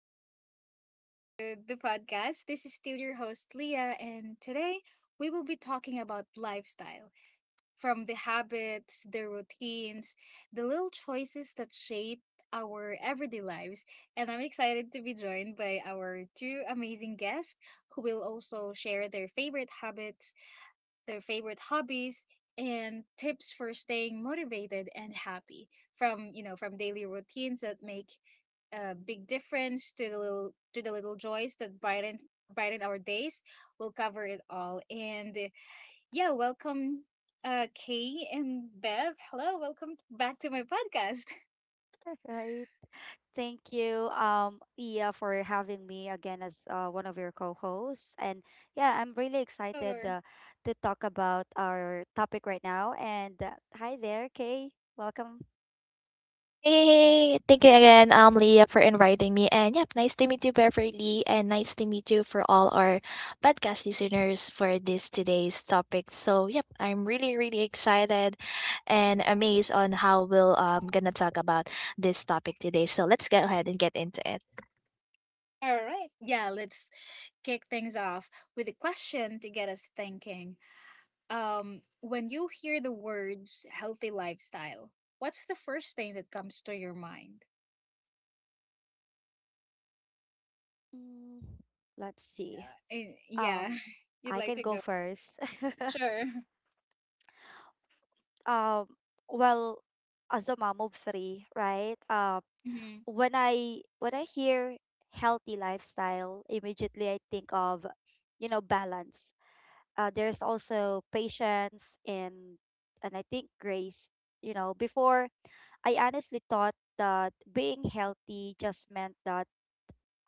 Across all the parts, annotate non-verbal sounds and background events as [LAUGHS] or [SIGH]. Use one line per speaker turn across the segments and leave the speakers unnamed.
and welcome back to the podcast. This is still your host, Leah, and today we will be talking about lifestyle from the habits, the routines, the little choices that shape our everyday lives. And I'm excited to be joined by our two amazing guests who will also share their favorite habits, their favorite hobbies, and tips for staying motivated and happy, from you know from daily routines that make a big difference, to the little, to the little joys that brighten our days. We'll cover it all. And yeah, welcome, Kay and Bev. Hello, welcome back to my podcast. [LAUGHS]
Right. Thank you, Ia, for having me again as one of your co-hosts. And yeah, I'm really excited
Sure.
to talk about our topic right now. And hi there, Kay. Welcome.
Hey, thank you again, Leah, for inviting me. And yep, nice to meet you, Beverly, and nice to meet you for all our podcast listeners for this today's topic. So yep, I'm really, really excited and amazed on how we'll gonna talk about this topic today. So let's go ahead and get into it.
All right. Yeah, let's kick things off with a question to get us thinking. When you hear the words healthy lifestyle, what's the first thing that comes to your mind?
Mm, let's see.
Yeah.
Um,
[LAUGHS] You'd
I
like
can
to
go
go?
first. [LAUGHS]
Sure.
um, well, as a mom of three, right?
[LAUGHS] Mm-hmm.
When I hear healthy lifestyle, immediately I think of balance. There's also patience, and I think grace. You know, before I honestly thought that being healthy just meant that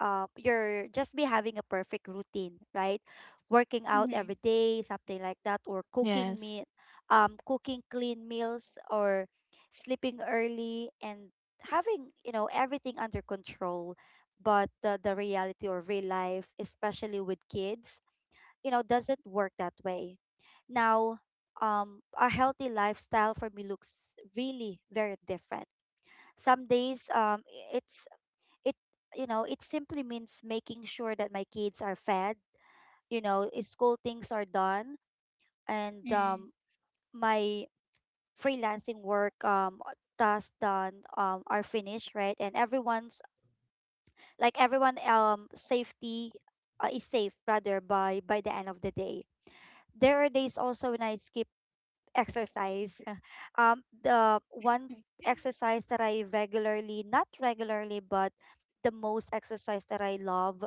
you're just be having a perfect routine, right? Working out
Mm-hmm.
every day, something like that, or cooking
Yes.
meal, cooking clean meals, or sleeping early and having everything under control. But the reality or real life, especially with kids, doesn't work that way now. A healthy lifestyle for me looks really very different. Some days it it simply means making sure that my kids are fed, school things are done, and
Mm-hmm.
my freelancing work tasks done are finished, right? And everyone's like everyone safety is safe, rather, by the end of the day. There are days also when I skip exercise. The one exercise that I regularly, not regularly, but the most exercise that I love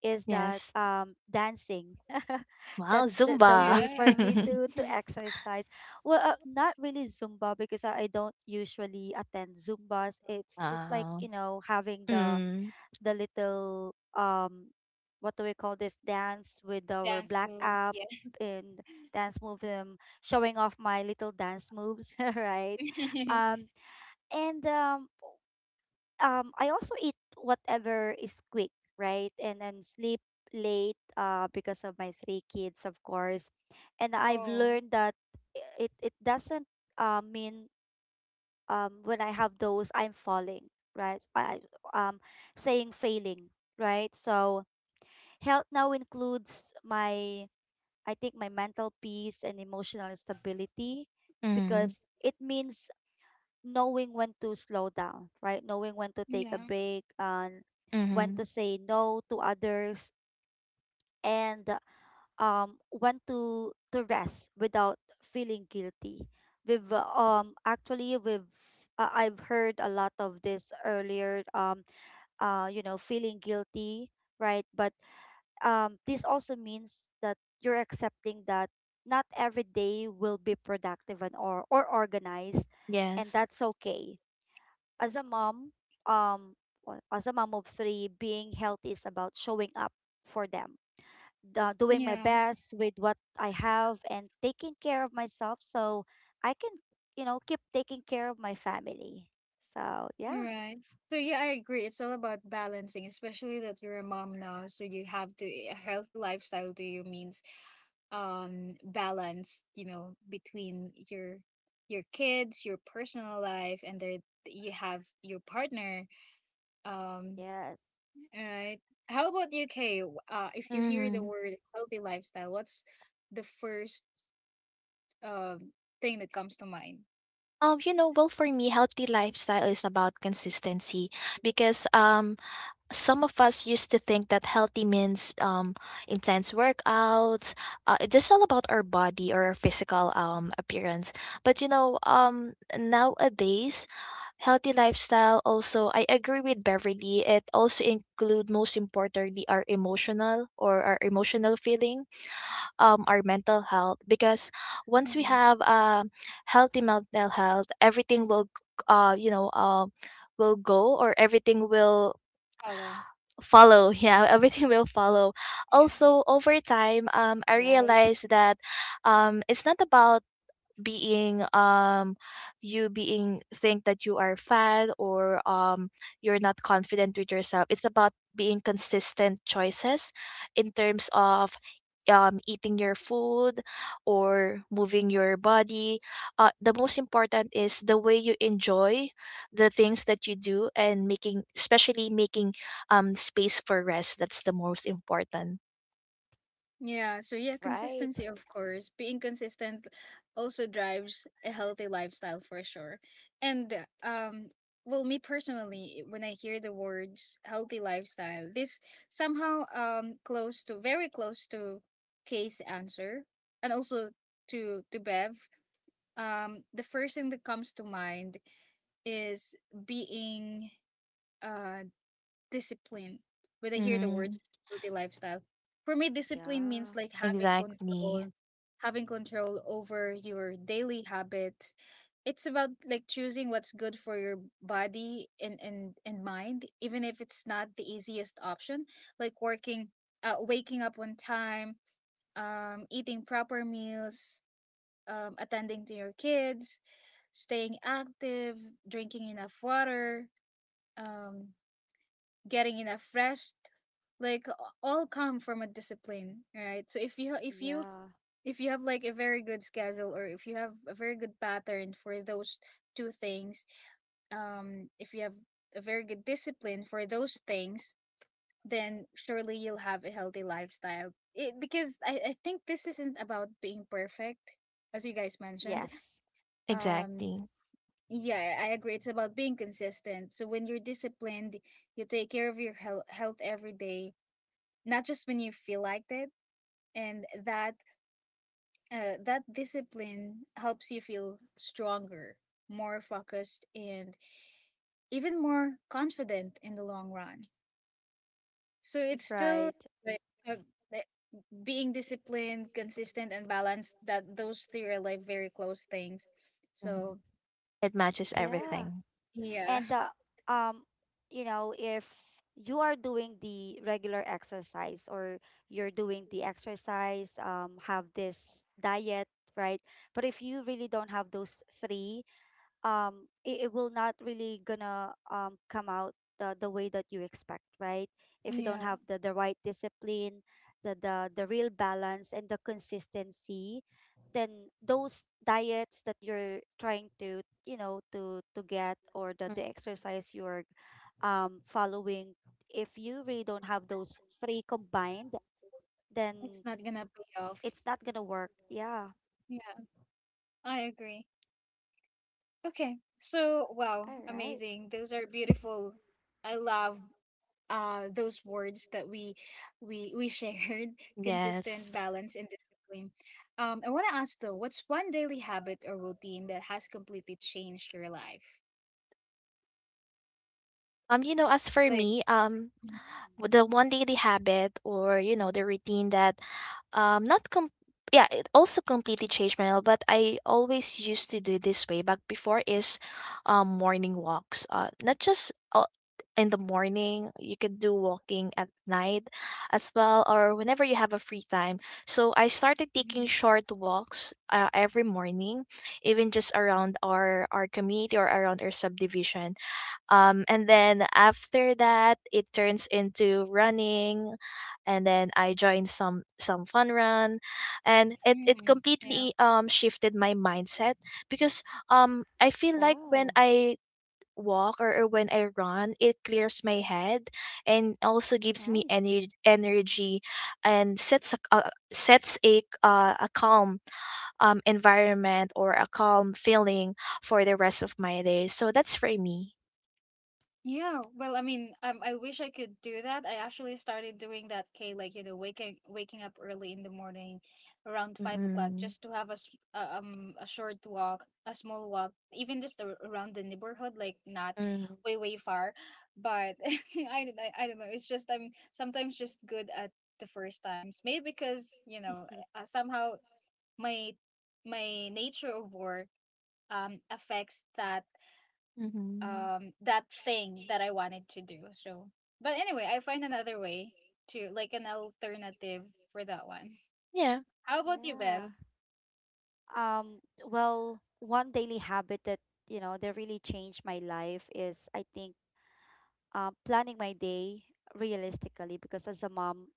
is that
Yes.
dancing. [LAUGHS]
Wow,
That's the
Zumba.
way for
Yeah.
me
[LAUGHS]
to
[LAUGHS]
exercise. Well, not really Zumba because I don't usually attend Zumbas. It's just like,
Wow.
you know, having the
Mm.
little what do we call this, dance with our
Dance
black
moves.
app, and dance move, showing off my little dance moves, [LAUGHS] right?
Yeah.
um and I also eat whatever is quick, right? And then sleep late, because of my three kids, of course. And
[LAUGHS]
I've
Oh.
learned that it doesn't mean when I have those I'm falling, right? I- um Saying failing, right? So health now includes my, I think, my mental peace and emotional stability,
Mm.
because it means knowing when to slow down, right? Knowing when to take a
Yeah.
break and when
Mm.
to say no to others, and want to rest without feeling guilty. We've actually we've I've heard a lot of this earlier, you know, feeling guilty, right? But this also means that you're accepting that not every day will be productive and or organized, and
Yes.
that's okay. As a mom, um well, as a mom of 3, being healthy is about showing up for them, doing my
Yeah.
best with what I have, and taking care of myself so I can, you know, keep taking care of my family. So, yeah.
Right. So yeah, I agree. It's all about balancing, especially that you're a mom now. So you have to, a healthy lifestyle to you means balance, you know, between your kids, your personal life, and there you have your partner. Um,
Yes.
all right. How about you, Kay? If you hear the
Mm-hmm.
word healthy lifestyle, what's the first um thing that comes to mind?
Well, for me, healthy lifestyle is about consistency because some of us used to think that healthy means intense workouts, it's just all about our body or our physical appearance. But nowadays, healthy lifestyle also, I agree with Beverly, it also include most importantly our emotional or our emotional feeling, our mental health, because once we
Mm-hmm.
have healthy mental health, everything will uh, you know uh, will go, or everything will
Hello.
follow. [LAUGHS] Yeah, everything will follow. Also, over time, I
Right.
realized that it's not about being you being think that you are fat, or you're not confident with yourself. It's about being consistent choices in terms of eating your food or moving your body. The most important is the way you enjoy the things that you do, and making, especially making, space for rest. That's the most important.
Yeah, so yeah,
Right.
consistency, of course. Being consistent also drives a healthy lifestyle for sure. And well, me personally, when I hear the words healthy lifestyle, this somehow close to, very close to Kay's answer, and also to Bev. The first thing that comes to mind is being uh discipline when I hear the
Mm-hmm.
words healthy lifestyle. For me, discipline means
Yeah.
like
Exactly.
having control over your daily habits. It's about like choosing what's good for your body and mind, even if it's not the easiest option. Like working, waking up on time, eating proper meals, attending to your kids, staying active, drinking enough water, um, getting enough rest, like a- all come from a discipline, right? So if you if you
Yeah.
if you have like a very good schedule, or if you have a very good pattern for those two things, um, if you have a very good discipline for those things, then surely you'll have a healthy lifestyle, it, because I think this isn't about being perfect, as you guys mentioned.
Yes.
Um,
Exactly.
yeah, I agree. It's about being consistent. So when you're disciplined, you take care of your health every day, not just when you feel like it. And that, that discipline helps you feel stronger, more focused, and even more confident in the long run. So it's still
Right.
like uh, uh, being disciplined, consistent, and balanced, that those three are like very close things.
Mhm.
So
It matches
it's it.
Yeah.
everything.
Yeah.
And um you know, if you are doing the regular exercise, or you're doing the exercise have this diet, right? But if you really don't have those three, it will not really gonna come out the way that you expect, right? If you don't
Yeah,
have the right discipline, the real balance, and the consistency, then those diets that you're trying to, you know, to get, or the,
Mm.
the exercise you're following, if you really don't have those three combined,
it's
then
not gonna pay off.
it's not gonna work, yeah.
Yeah, I agree. Okay. So, wow,
All right.
amazing. Those are beautiful. I love those words that we shared, [LAUGHS] consistent,
Yes.
balance, and discipline. I want to ask though, what's one daily habit or routine that has completely changed your life?
As for
Like...
me,
Mhm.
Mm.
the one daily habit, or, the routine that not com- yeah, it also completely changed my health, but I always used to do this way back before, is morning walks. Not just in the morning, you could do walking at night as well, or whenever you have a free time. So I started taking
Mhm.
short walks every morning, even just around our community or around our subdivision. And then after that, it turns into running, and then I joined some fun run, and it
Mm,
completely
yeah.
shifted my mindset, because I feel like when
Wow.
I walk, or when I run, it clears my head and also gives me
Nice.
energy, and sets a calm environment, or a calm feeling for the rest of my day. So that's for me.
Yeah, well, I mean, I wish I could do that. I actually started doing that, Kay, like, you know, waking up early in the morning, around 5 o'clock,
Mm-mm.
just to have a a short walk, a small walk, even just around the neighborhood, like not
Mhm.
way far. But [LAUGHS] I, I don't know. It's just I'm sometimes just good at the first times. Maybe because you know
[LAUGHS]
somehow my my nature of work affects that
Mhm.
that thing that I wanted to do. So, but anyway, I find another way to, like, an alternative for that one.
Yeah.
[LAUGHS] How about you,
Yeah.
Bev?
Well, one daily habit that, you know, that really changed my life is, I think, planning my day realistically, because as a mom,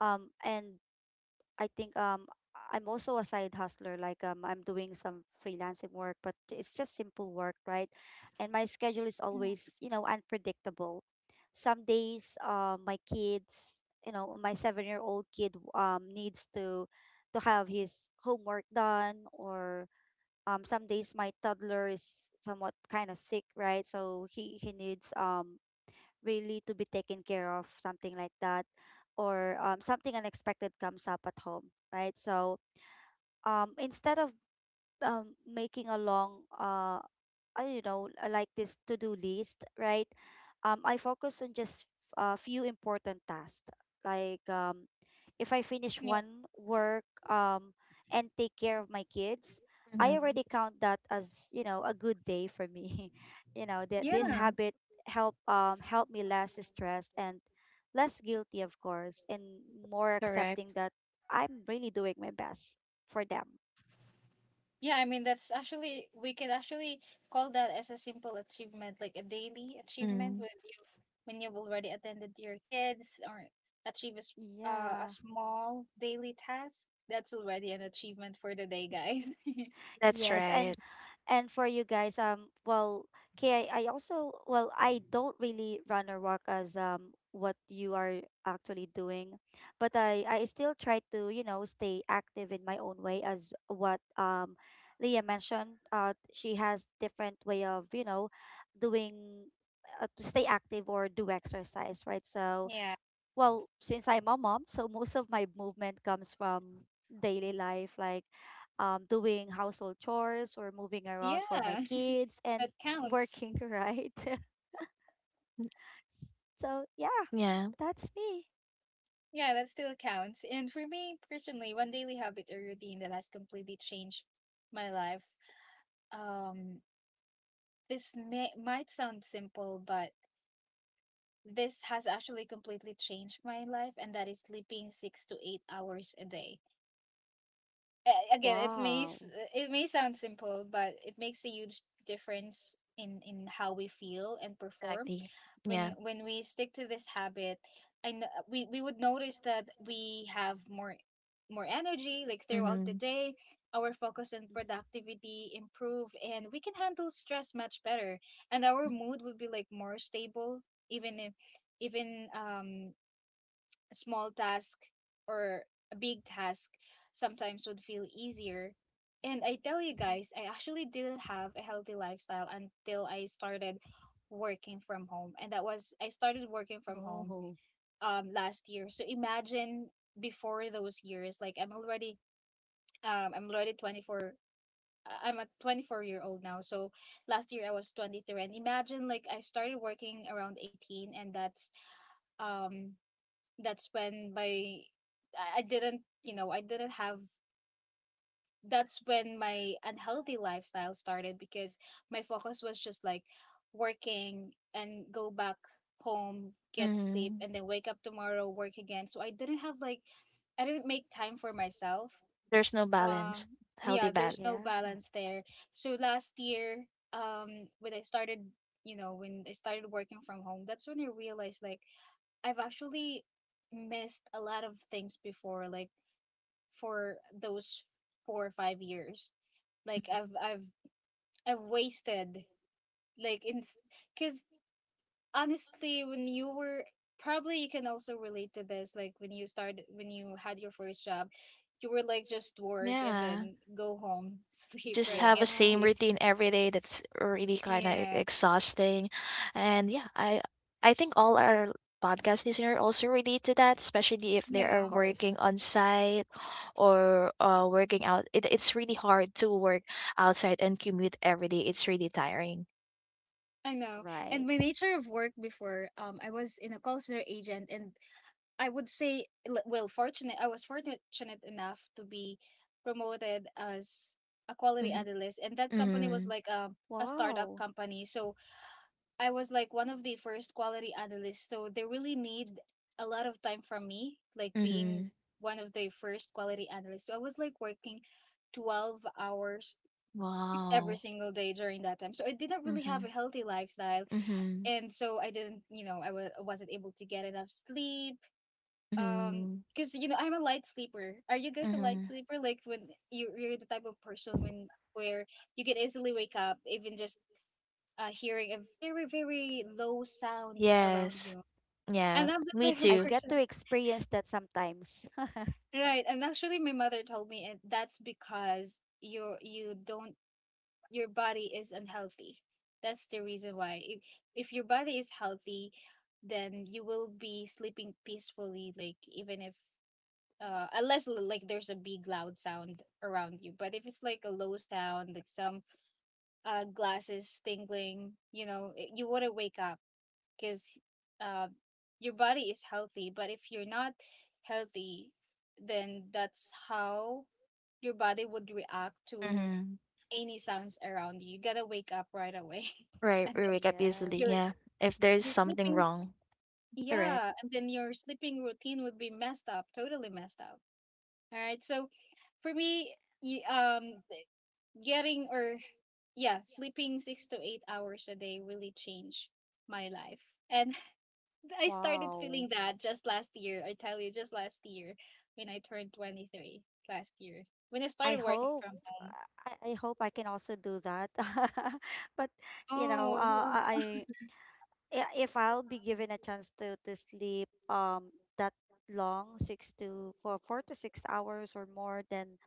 and I think I'm also a side hustler, like I'm doing some freelancing work, but it's just simple work, right? And my schedule is
Mm.
always, you know, unpredictable. Some days my kids, you know, my 7-year-old kid needs to have his homework done, or some days my toddler is somewhat kind of sick, right? So he needs really to be taken care of, something like that, or something unexpected comes up at home, right? So instead of making a long I don't know, like this to do list, right? I focus on just a few important tasks. Like if I finish
Yeah.
one work, and take care of my kids, I
Mhm.
already count that as, you know, a good day for me. [LAUGHS] You know that this
Yeah.
Mhm.
habit help me less stressed and less guilty, of course, and more accepting
Correct.
that I'm really doing my best for them.
Yeah, I mean that's actually, we can actually call that as a simple achievement, like a daily achievement
Mm.
when you when you've already attended to your kids or achieve a, a
Yeah.
small daily task. That's already an achievement for the day, guys. [LAUGHS]
That's
Yes,
right.
and for you guys, well, okay, I also, well, I don't really run or walk as what you are actually doing, but I still try to, you know, stay active in my own way, as what Leah mentioned. She has different way of, you know, doing to stay active or do exercise, right? So
Yeah.
well, since I'm a mom, so most of my movement comes from daily life, like doing household chores, or moving around for my
Yeah.
kids,
[LAUGHS]
and
That counts.
working, [LAUGHS] right? [LAUGHS]
Mm.
So, yeah,
Yeah.
that's me.
Yeah, that still counts. And for me personally, one daily habit or routine that has completely changed my life. Um, this may might sound simple, but this has actually completely changed my life, and that is sleeping 6 to 8 hours a day. Again, it
Wow.
it may sound simple, but it makes a huge difference in how we feel and perform.
Exactly.
when
Yeah.
when we stick to this habit, and we would notice that we have more, more energy like throughout the day, our focus and
Mm-hmm,
productivity improve, and we can handle stress much better, and our mood would be like more stable. Even if, even um, a small task or a big task sometimes would feel easier. And I tell you guys, I actually didn't have a healthy lifestyle until I started working from home. And that was, I started working from
mm-hmm.
home
Oh.
last year. So imagine before those years, like I'm already 24. I'm a 24-year-old now. So last year I was 23. And imagine like I started working around 18, and um, that's when my I didn't, you know, I didn't have, that's when my unhealthy lifestyle started, because my focus was just like working and go back home, get sleep,
Mhm.
and then wake up tomorrow, work again. So I didn't have like, I didn't make time for myself.
There's no
Um,
balance. Healthy
yeah, there's
balance.
no
Yeah,
balance there. So last year, um, when I started, you know, when I started working from home, that's when I realized like I've actually missed a lot of things before, like for those 4 or 5 years. Like I've wasted like in, because honestly, when you were, probably you can also relate to this. Like when you started, when you had your first job, you were like just work and
Yeah.
then go home, [LAUGHS] sleep,
Just
right?
have a
Get
yeah,
same
sleep.
routine every day, that's really kind of
Yeah.
exhausting. And yeah, I think all our podcast listener also relate to that, especially if they
Yeah,
of
are working
course.
on site or working out. It's really hard to work outside and commute every day. It's really tiring.
I know. And
Right.
my nature of work before, I was in a call center agent, and I would say, well, fortunate. I was fortunate enough to be promoted as a quality
Mm-hmm.
analyst, and that company was
Mm-hmm.
like a startup
Wow.
company. So I was like one of the first quality analysts. So they really need a lot of time from me, like
Mm-hmm.
being one of the first quality analysts. So I was like working 12 hours every
Wow.
single day during that time. So I didn't really have a
Mm-hmm.
healthy lifestyle,
Mm-hmm.
and so I didn't, you know, I wasn't able to get enough sleep. Um,
Mm-hmm.
because you know I'm a light sleeper. Are you guys a light
Mm-hmm.
sleeper? Like when you, you're the type of person when where you can easily wake up, even just hearing a very, very low sounds around
Yes.
you.
Yeah.
And I'm the [LAUGHS]
Me
type of
I
too.
get
person,
to experience that sometimes. [LAUGHS]
right? And actually, my mother told me, and that's because you don't, your body is unhealthy. That's the reason why. If your body is healthy, then you will be sleeping peacefully. Like even if, unless, like there's a big loud sound around you, but if it's like a low sound, like some glasses tingling, you know, you want to wake up because uh your body is healthy. But if you're not healthy, then that's how your body would react to
Mm-hmm.
any sounds around you, you gotta wake up right away. [LAUGHS]
Right,
And then
we wake up easily,
your are
Yes.
yeah. If there's something
sleeping,
wrong. Correct.
yeah, and then your sleeping routine would be messed up, totally messed up. All right. So for me, y- um, getting, or yeah, sleeping 6 to 8 hours a day really changed my life. And [LAUGHS] I started
Wow.
feeling that just last year. I tell you, just last year when I turned 23 last year, when I
I
started working
hope
from home.
I hope I can also do that. [LAUGHS] But you know,
Oh, you are-
if I'll be given a chance to sleep that long, six to for 4 to 6 hours or more, then,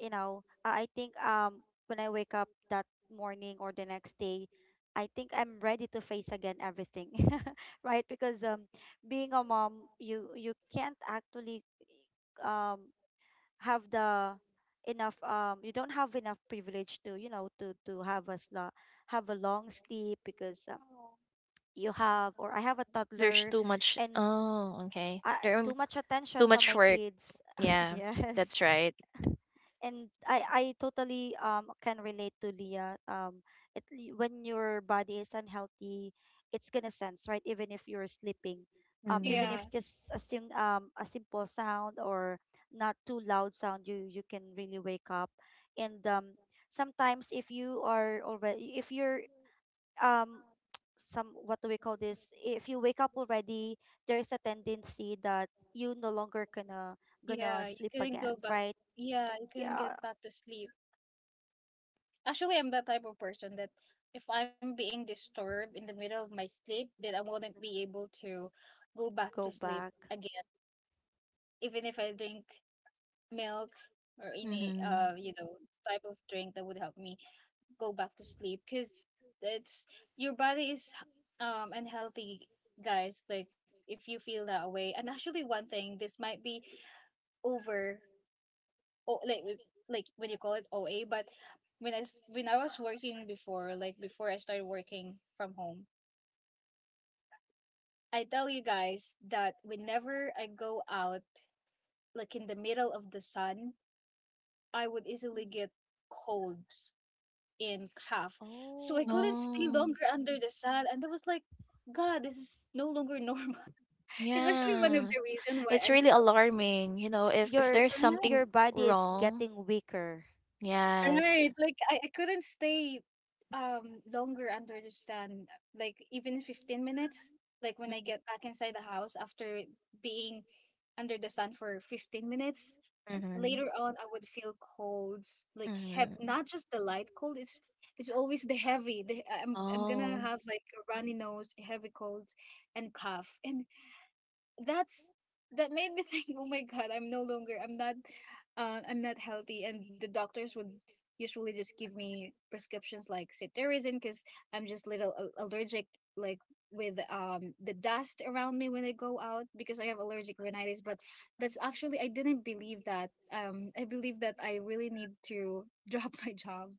you know, I think when I wake up that morning or the next day, I think I'm ready to face again everything, [LAUGHS] right? Because being a mom, you can't actually um have the enough you don't have enough privilege to, you know, to have a have a long sleep because
oh.
you have, or I have, a
There's
toddler,
too much.
and
Oh, okay. There,
too much
too
attention from
much
my
work.
kids. [LAUGHS]
Yeah,
Yes.
that's right.
[LAUGHS] And I totally can relate to Leah. It, when your body is unhealthy, it's gonna sense, right, even if you're sleeping. Even
Mm.
Yeah,
if just a sing a simple sound, or not too loud sound, you can really wake up. And sometimes if you are already, if you're um some, what do we call this? If you wake up already, there's a tendency that you no longer gonna
yeah. You
sleep
couldn't
again,
go back.
right?
Yeah, you couldn't
Yeah,
get back to sleep. Actually, I'm that type of person that if I'm being disturbed in the middle of my sleep, then I wouldn't be able to go back
go
to sleep
back.
again. Even if I drink milk or any
Mm-hmm.
you know, type of drink that would help me go back to sleep, because it's, your body is um, unhealthy, guys. Like if you feel that way. And actually one thing, this might be over, oh, like like when you call it OA, but when I when I was working before, like before I started working from home, I tell you guys that whenever I go out, like in the middle of the sun, I would easily
Mm.
get colds in cough. So I
Oh.
couldn't stay
Oh.
longer under the sun, and I was like, God, this is no longer normal. [LAUGHS] It's actually one of
Yeah.
the reasons why
It's
I
really alarming, you know, if
Your
there's
stopped.
your
something
body is
wrong.
getting weaker,
Yes.
Right, like I couldn't stay longer under the sun, like even 15 minutes. Like when I
Mm-hmm.
get back inside the house after being under the sun for 15 minutes, later on I would feel colds, like have
Mm-hmm.
not just the light cold, it's always the heavy. I'm gonna
Oh,
have like a runny nose, heavy colds, and cough. And that's that made me [LAUGHS] think, oh my God, I'm no longer, I'm not healthy. And the doctors would usually just give me prescriptions like cetirizine because I'm just little allergic, like with the dust around me when I go out, because I have allergic rhinitis. But that's actually, I didn't believe that. I believe that I really need to drop [LAUGHS] my job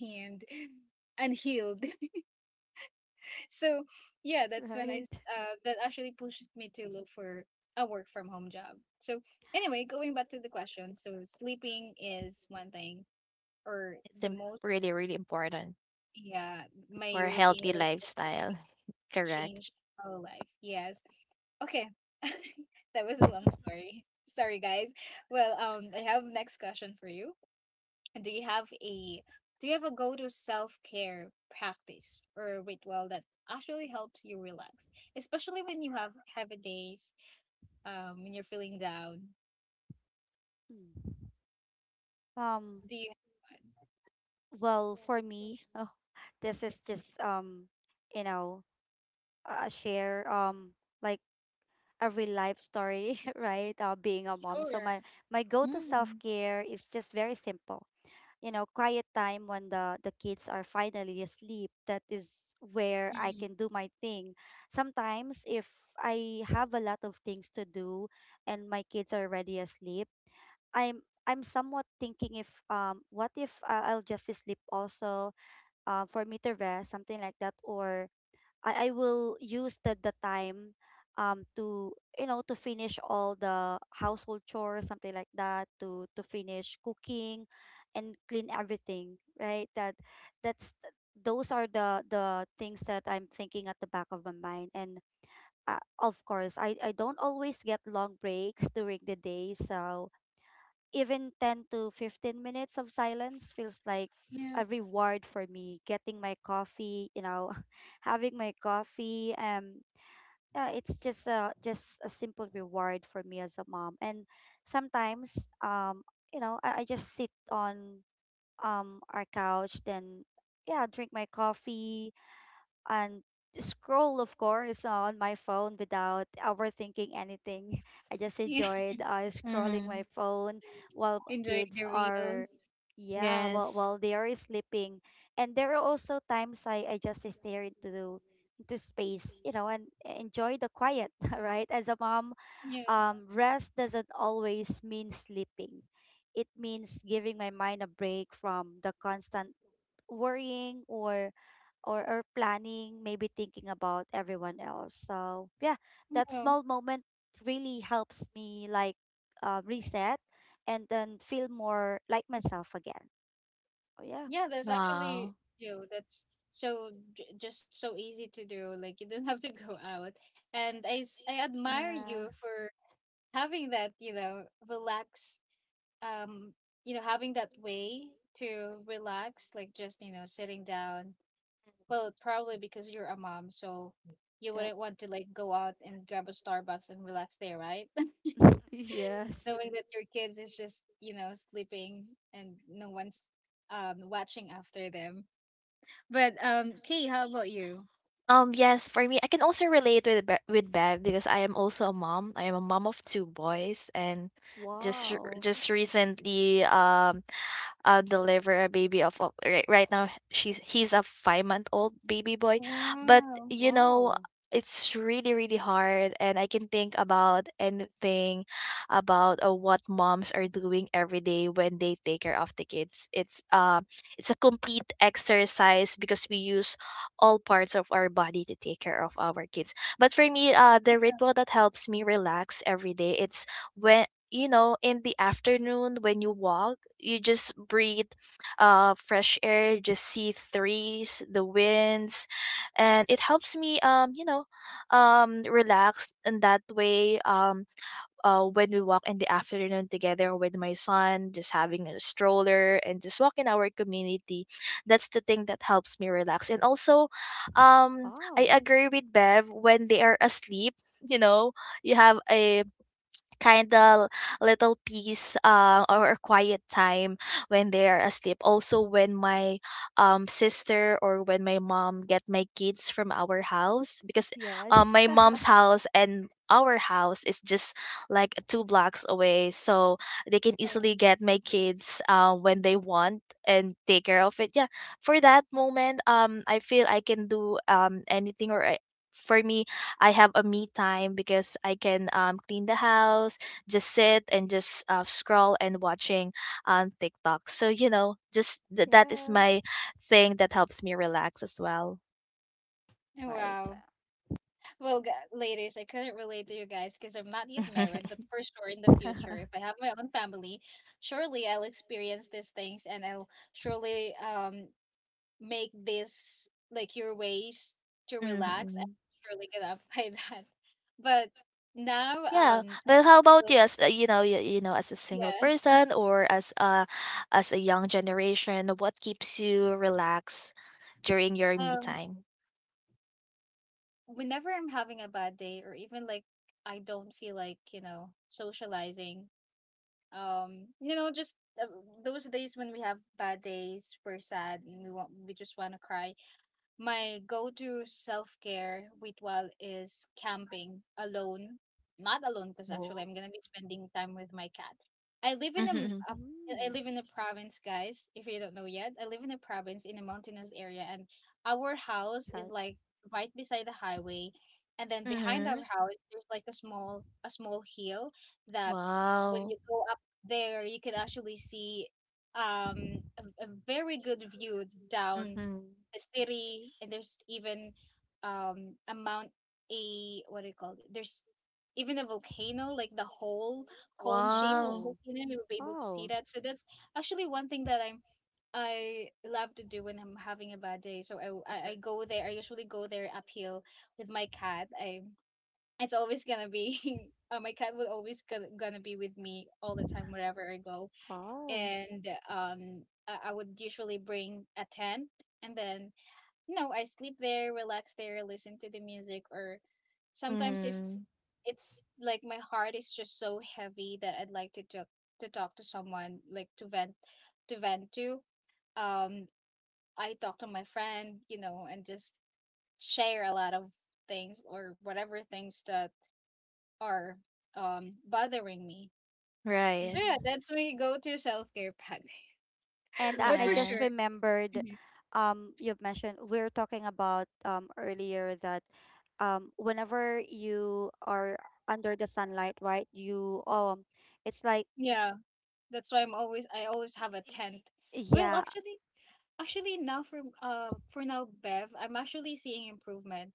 and healed. So yeah,
[LAUGHS]
that's when I
right?
s- that actually pushed me to look for a work from home job. So anyway, going back to the question, so sleeping is one thing. Or
it's
the most,
really, really important
yeah, my
for a
routine
healthy
that has
lifestyle. [LAUGHS] Correct.
changed my whole life, yes. Okay. [LAUGHS] That was a long story, sorry guys. Well, I have next question for you. Do you have a, do you have a go-to self-care practice or ritual that actually helps you relax, especially when you have heavy days, when you're feeling down?
Mm. Um,
Do you?
well, for me, oh, this is just you know, a share like a real life story, [LAUGHS] right? Being a mom.
Sure.
So my go-to
Mm.
self-care is just very simple. You know, quiet time when the kids are finally asleep. That is where I
Mm,
can do my thing. Sometimes if I have a lot of things to do and my kids are already asleep, I'm somewhat thinking if what if I'll just sleep also for me to rest, something like that, or I will use the time to, you know, to finish all the household chores, something like that, to finish cooking and clean everything, right? That that's those are the things that I'm thinking at the back of my mind. And of course I don't always get long breaks during the day, so even 10 to 15 minutes of silence feels like
yeah,
a reward for me, getting my coffee, you know, [LAUGHS] having my coffee. Yeah, it's just a simple reward for me as a mom. And sometimes you know, I just sit on our couch, then yeah, drink my coffee, and scroll, of course, on my phone without overthinking anything. [LAUGHS] I just
yeah.
enjoyed, scrolling my
Mhm.
phone while
[LAUGHS] Enjoy
kids
the reels.
are, yeah, while,
Yes.
while they are sleeping. And there are also times I just stare into space, you know, and enjoy the quiet, [LAUGHS] right? As a mom,
Yeah.
rest doesn't always mean sleeping. It means giving my mind a break from the constant worrying or or planning, maybe thinking about everyone else. So yeah, that
Yeah.
small moment really helps me, like, reset and then feel more like myself again. Oh yeah.
Yeah, that's actually,
Wow.
you know, that's so just so easy to do. Like, you don't have to go out. And I admire
Yeah.
you for having that, you know, relax, um you know, having that way to relax, like just, you know, sitting down. Well, probably because you're a mom, so you
Yep.
wouldn't want to like go out and grab a Starbucks and relax there, right?
[LAUGHS]
[LAUGHS]
Yes.
Knowing that your kids is just, you know, sleeping and no one's watching after them. But kay, how about you?
Yes, for me, I can also relate with with Bev, because I am also a mom. I am a mom of two boys, and
Wow.
just recently, deliver a baby of a. Right now, she's he's a 5-month old baby boy. But
Wow.
Wow.
it's really, really hard, and I can think about anything about what moms are doing every day when they take care of the kids. It's a complete exercise, because we use all parts of our body to take care of our kids. But for me, the ritual that helps me relax every day, it's when in the afternoon, when you walk, you just breathe fresh air, just see trees, the winds, and it helps me relax in that way. When we walk in the afternoon together with my son, just having a stroller and just walk in our community, that's the thing that helps me relax. And also, I
Wow.
agree with Bev, when they are asleep, you know you have a kind of little peace, or a quiet time when they are asleep. Also, when my sister or when my mom get my kids from our house, because
Yes.
my
[LAUGHS]
mom's house and our house is just like 2 blocks away, so they can easily
Oh.
get my kids when they want and take care of it. Yeah, for that moment, I feel I can do anything, or for me, I have a me time, because I can clean the house, just sit and just scroll and watching on TikTok. So, just that is
Yeah.
my thing that helps me relax as well.
Oh,
Right.
wow. Well, ladies, I couldn't relate to you guys because I'm not yet married,
[LAUGHS]
but for sure in
[LAUGHS]
the
Mm.
future, if I have my own family, surely I'll experience these things and I'll surely make this like your ways to relax. I'm
Hmm.
surely gonna apply [LAUGHS] that. But now,
Yeah, but how about
well-
you as as a single
yeah,
person, or as a young generation? What keeps you relaxed during your me
um,
time?
whenever I'm having a bad day or even like I don't feel like, you know, socializing, you know, just uh, those days when we have bad days, we're sad and we want, we just want to cry, my go to self care ritual is camping alone. Not alone, because actually
Oh.
I'm
[LAUGHS]
gonna be spending time with my cat. I live in a,
Mm-hmm.
I live in a province, guys. If you don't know yet, I live in a province in a mountainous area, and our house is
Car-
like right beside the highway, and then behind
Mm-hmm.
our house there's like a small hill that when you
Wow.
go up there you can actually see a very good view down
Mm-hmm.
the city, and there's even um a mount a, what do you call it? There's even a volcano, like the whole cone shape of
Wow.
Oh.
volcano. We will be able to see
Wow.
that. So that's actually one thing that I love to do when I'm having a bad day. So I go there. I usually go there uphill with my cat. I It's always gonna be. [LAUGHS] My cat will always gonna, gonna be with me all the time wherever I go,
Wow.
and I would usually bring a tent and then, you know, I sleep there, relax there, listen to the music, or sometimes if
Mhm.
it's like my heart is just so heavy that I'd like to talk to someone, like to vent to. Um, I talk to my friend, you know, and just share a lot of things or whatever things that are bothering me. So
Right.
yeah,
Mm-hmm.
that's my go-to self-care practice.
And
[LAUGHS] But
I
for
just
Yeah.
sure,
remembered,
mhm,
you've mentioned we are talking about earlier that whenever you are under the sunlight, right? You it's like,
yeah, that's why I always have a tent. Well,
yeah.
actually, actually, now for now, Bev, I'm actually seeing improvement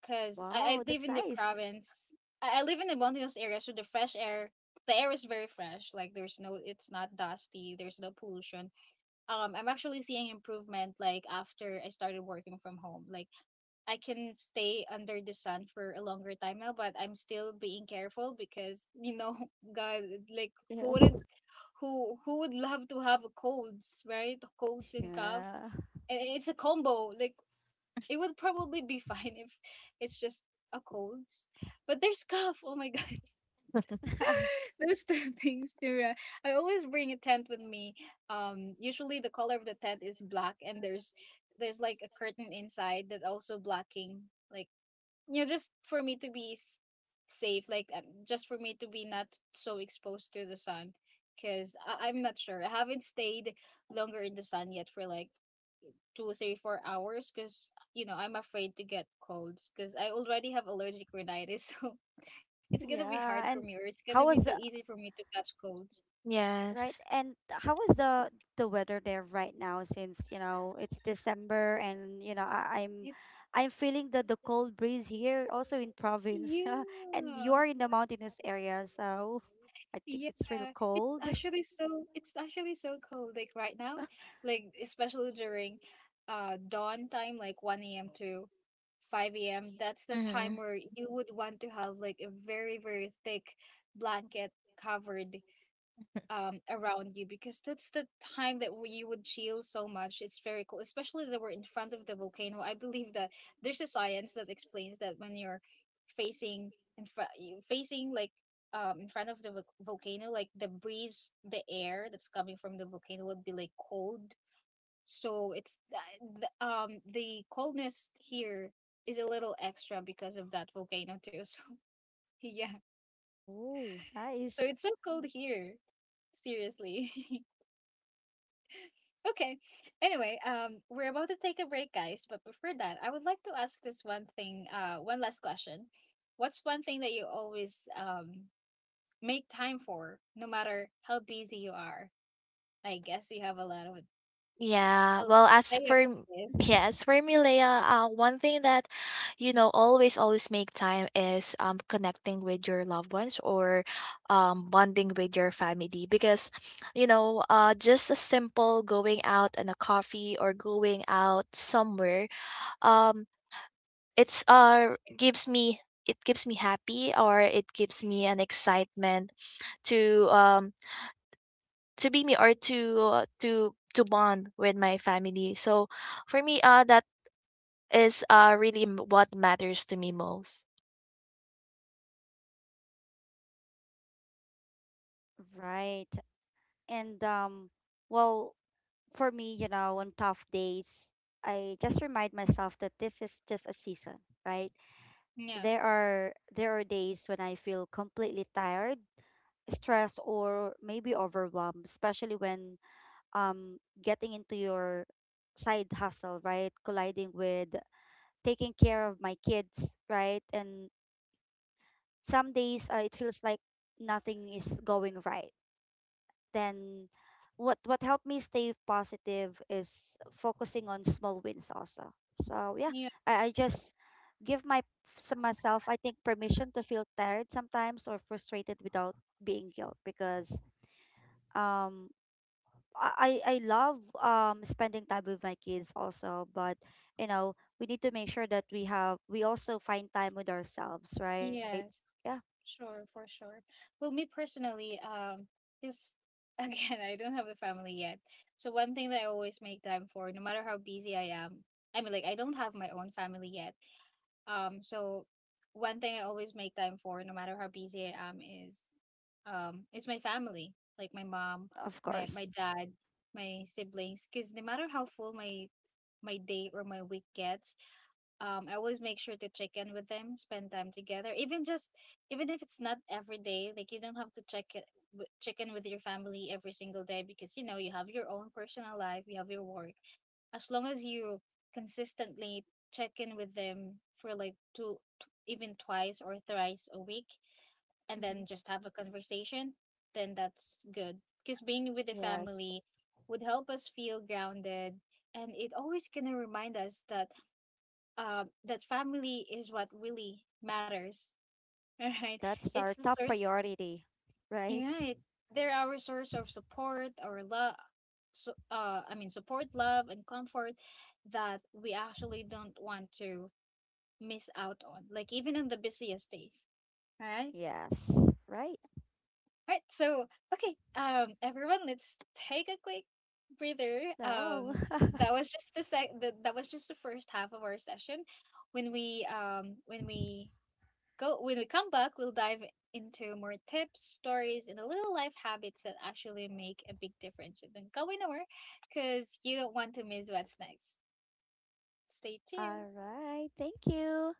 because I
Wow,
live
that's
in the
nice.
province. I live in a mountainous area, so the fresh air, the air is very fresh. Like there's no, it's not dusty. There's no pollution. I'm actually seeing improvement. Like after I started working from home, like I can stay under the sun for a longer time now, but I'm still being careful because, you know, [LAUGHS] God, like who
Yes.
wouldn't, who would love to have colds, right? Colds and cough,
Yeah.
and it's a combo. Like, it would probably be [LAUGHS] fine if it's just a cold. But there's cough. Oh my god.
[LAUGHS]
[LAUGHS] Those two things too. I always bring a tent with me. Um, usually the color of the tent is black and there's like a curtain inside that also blocking, like, you know, just for me to be safe, like just for me to be not so exposed to the sun, because I'm not sure. I haven't stayed longer in the sun yet for like two, three, 4 hours because, you know, I'm afraid to get colds because I already have allergic rhinitis. [LAUGHS] So it's going to be hard
Yeah,
for
and
me, or it's going to
how was
be so
the,
easy for me to catch colds.
right,
Yes.
and how is the weather there right now, since, you know, it's December and, you know, I, I'm
It's,
I'm feeling the cold breeze here also in province. [LAUGHS] And
yeah.
you're in the mountainous area, so I think
Yeah.
it's real
It's
cold.
actually so, it's actually so cold. Like right now, like especially during dawn time, like 1 a.m. to 5 a.m. That's the
Mm-hmm.
time where you would want to have like a very, very thick blanket covered around you, because that's the time that you would chill so much. It's very cool, especially that we're in front of the volcano. I believe that there's a science that explains that when you're facing in front facing, like, in front of the volcano, like the breeze, the air that's coming from the volcano would be like cold. So it's the coldness here is a little extra because of that volcano too. [LAUGHS] So yeah,
Oh,
so
nice.
it's so cold here, seriously. [LAUGHS] Okay. Anyway, we're about to take a break, guys. But before that, I would like to ask this one thing, one last question. What's one thing that you always make time for, no matter how busy you are? I guess you have
Yeah.
a lot
Well,
to say about this.
yeah, as for me, Leia, one thing that always make time is connecting with your loved ones, or bonding with your family. Because just a simple going out and a coffee, or going out somewhere, um it's gives me, it gives me happy, or it gives me an excitement, to um to be me, or to bond with my family. So for me, that is really what matters to me most.
Right. And well, for me, you know, on tough days, I just remind myself that this is just a season, right?
Yeah.
There are days when I feel completely tired, stressed, or maybe overwhelmed, especially when getting into your side hustle, right? Colliding with taking care of my kids, right? And some days it feels like nothing is going right, then what helped me stay positive is focusing on small wins also. So yeah,
Yeah.
I just give my myself, I think, permission to feel tired sometimes or frustrated without being guilt, because um I love spending time with my kids also, but you know, we need to make sure that we have we also find time with ourselves, right?
Yes.
Yeah,
Sure. For sure. Well, me personally, is [LAUGHS] again, I don't have a family yet. So one thing that I always make time for, no matter how busy I am, I mean, like I don't have my own family yet. So one thing I always make time for, no matter how busy I am, is my family, like my mom,
of
my
course.
dad, my siblings. Because no matter how full my day or my week gets, I always make sure to check in with them, spend time together. Even just, even if it's not every day, like you don't have to check in with your family every single day, because you know, you have your own personal life, you have your work. As long as you consistently check in with them for like even twice or thrice a week and then
Hmm.
just have a conversation, then that's good. Because being with the family
Yes,
would help us feel grounded, and it always gonna remind us that that family is what really matters. [LAUGHS] All right.
that's
It's
our
the
top
source.
priority,
You're
right?
right. They're our source of support, our love, so, I mean, support, love, and comfort that we actually don't want to miss out on, like even on the busiest days. All right.
Yes, right
Right. So, okay, everyone, let's take a quick breather.
now. [LAUGHS]
That was just the sec. The, that was just the first half of our session, when we go when we come back, we'll dive into more tips, stories, and the little life habits that actually make a big difference. So don't go anywhere because you don't want to miss what's next. Stay tuned.
All right. Thank you.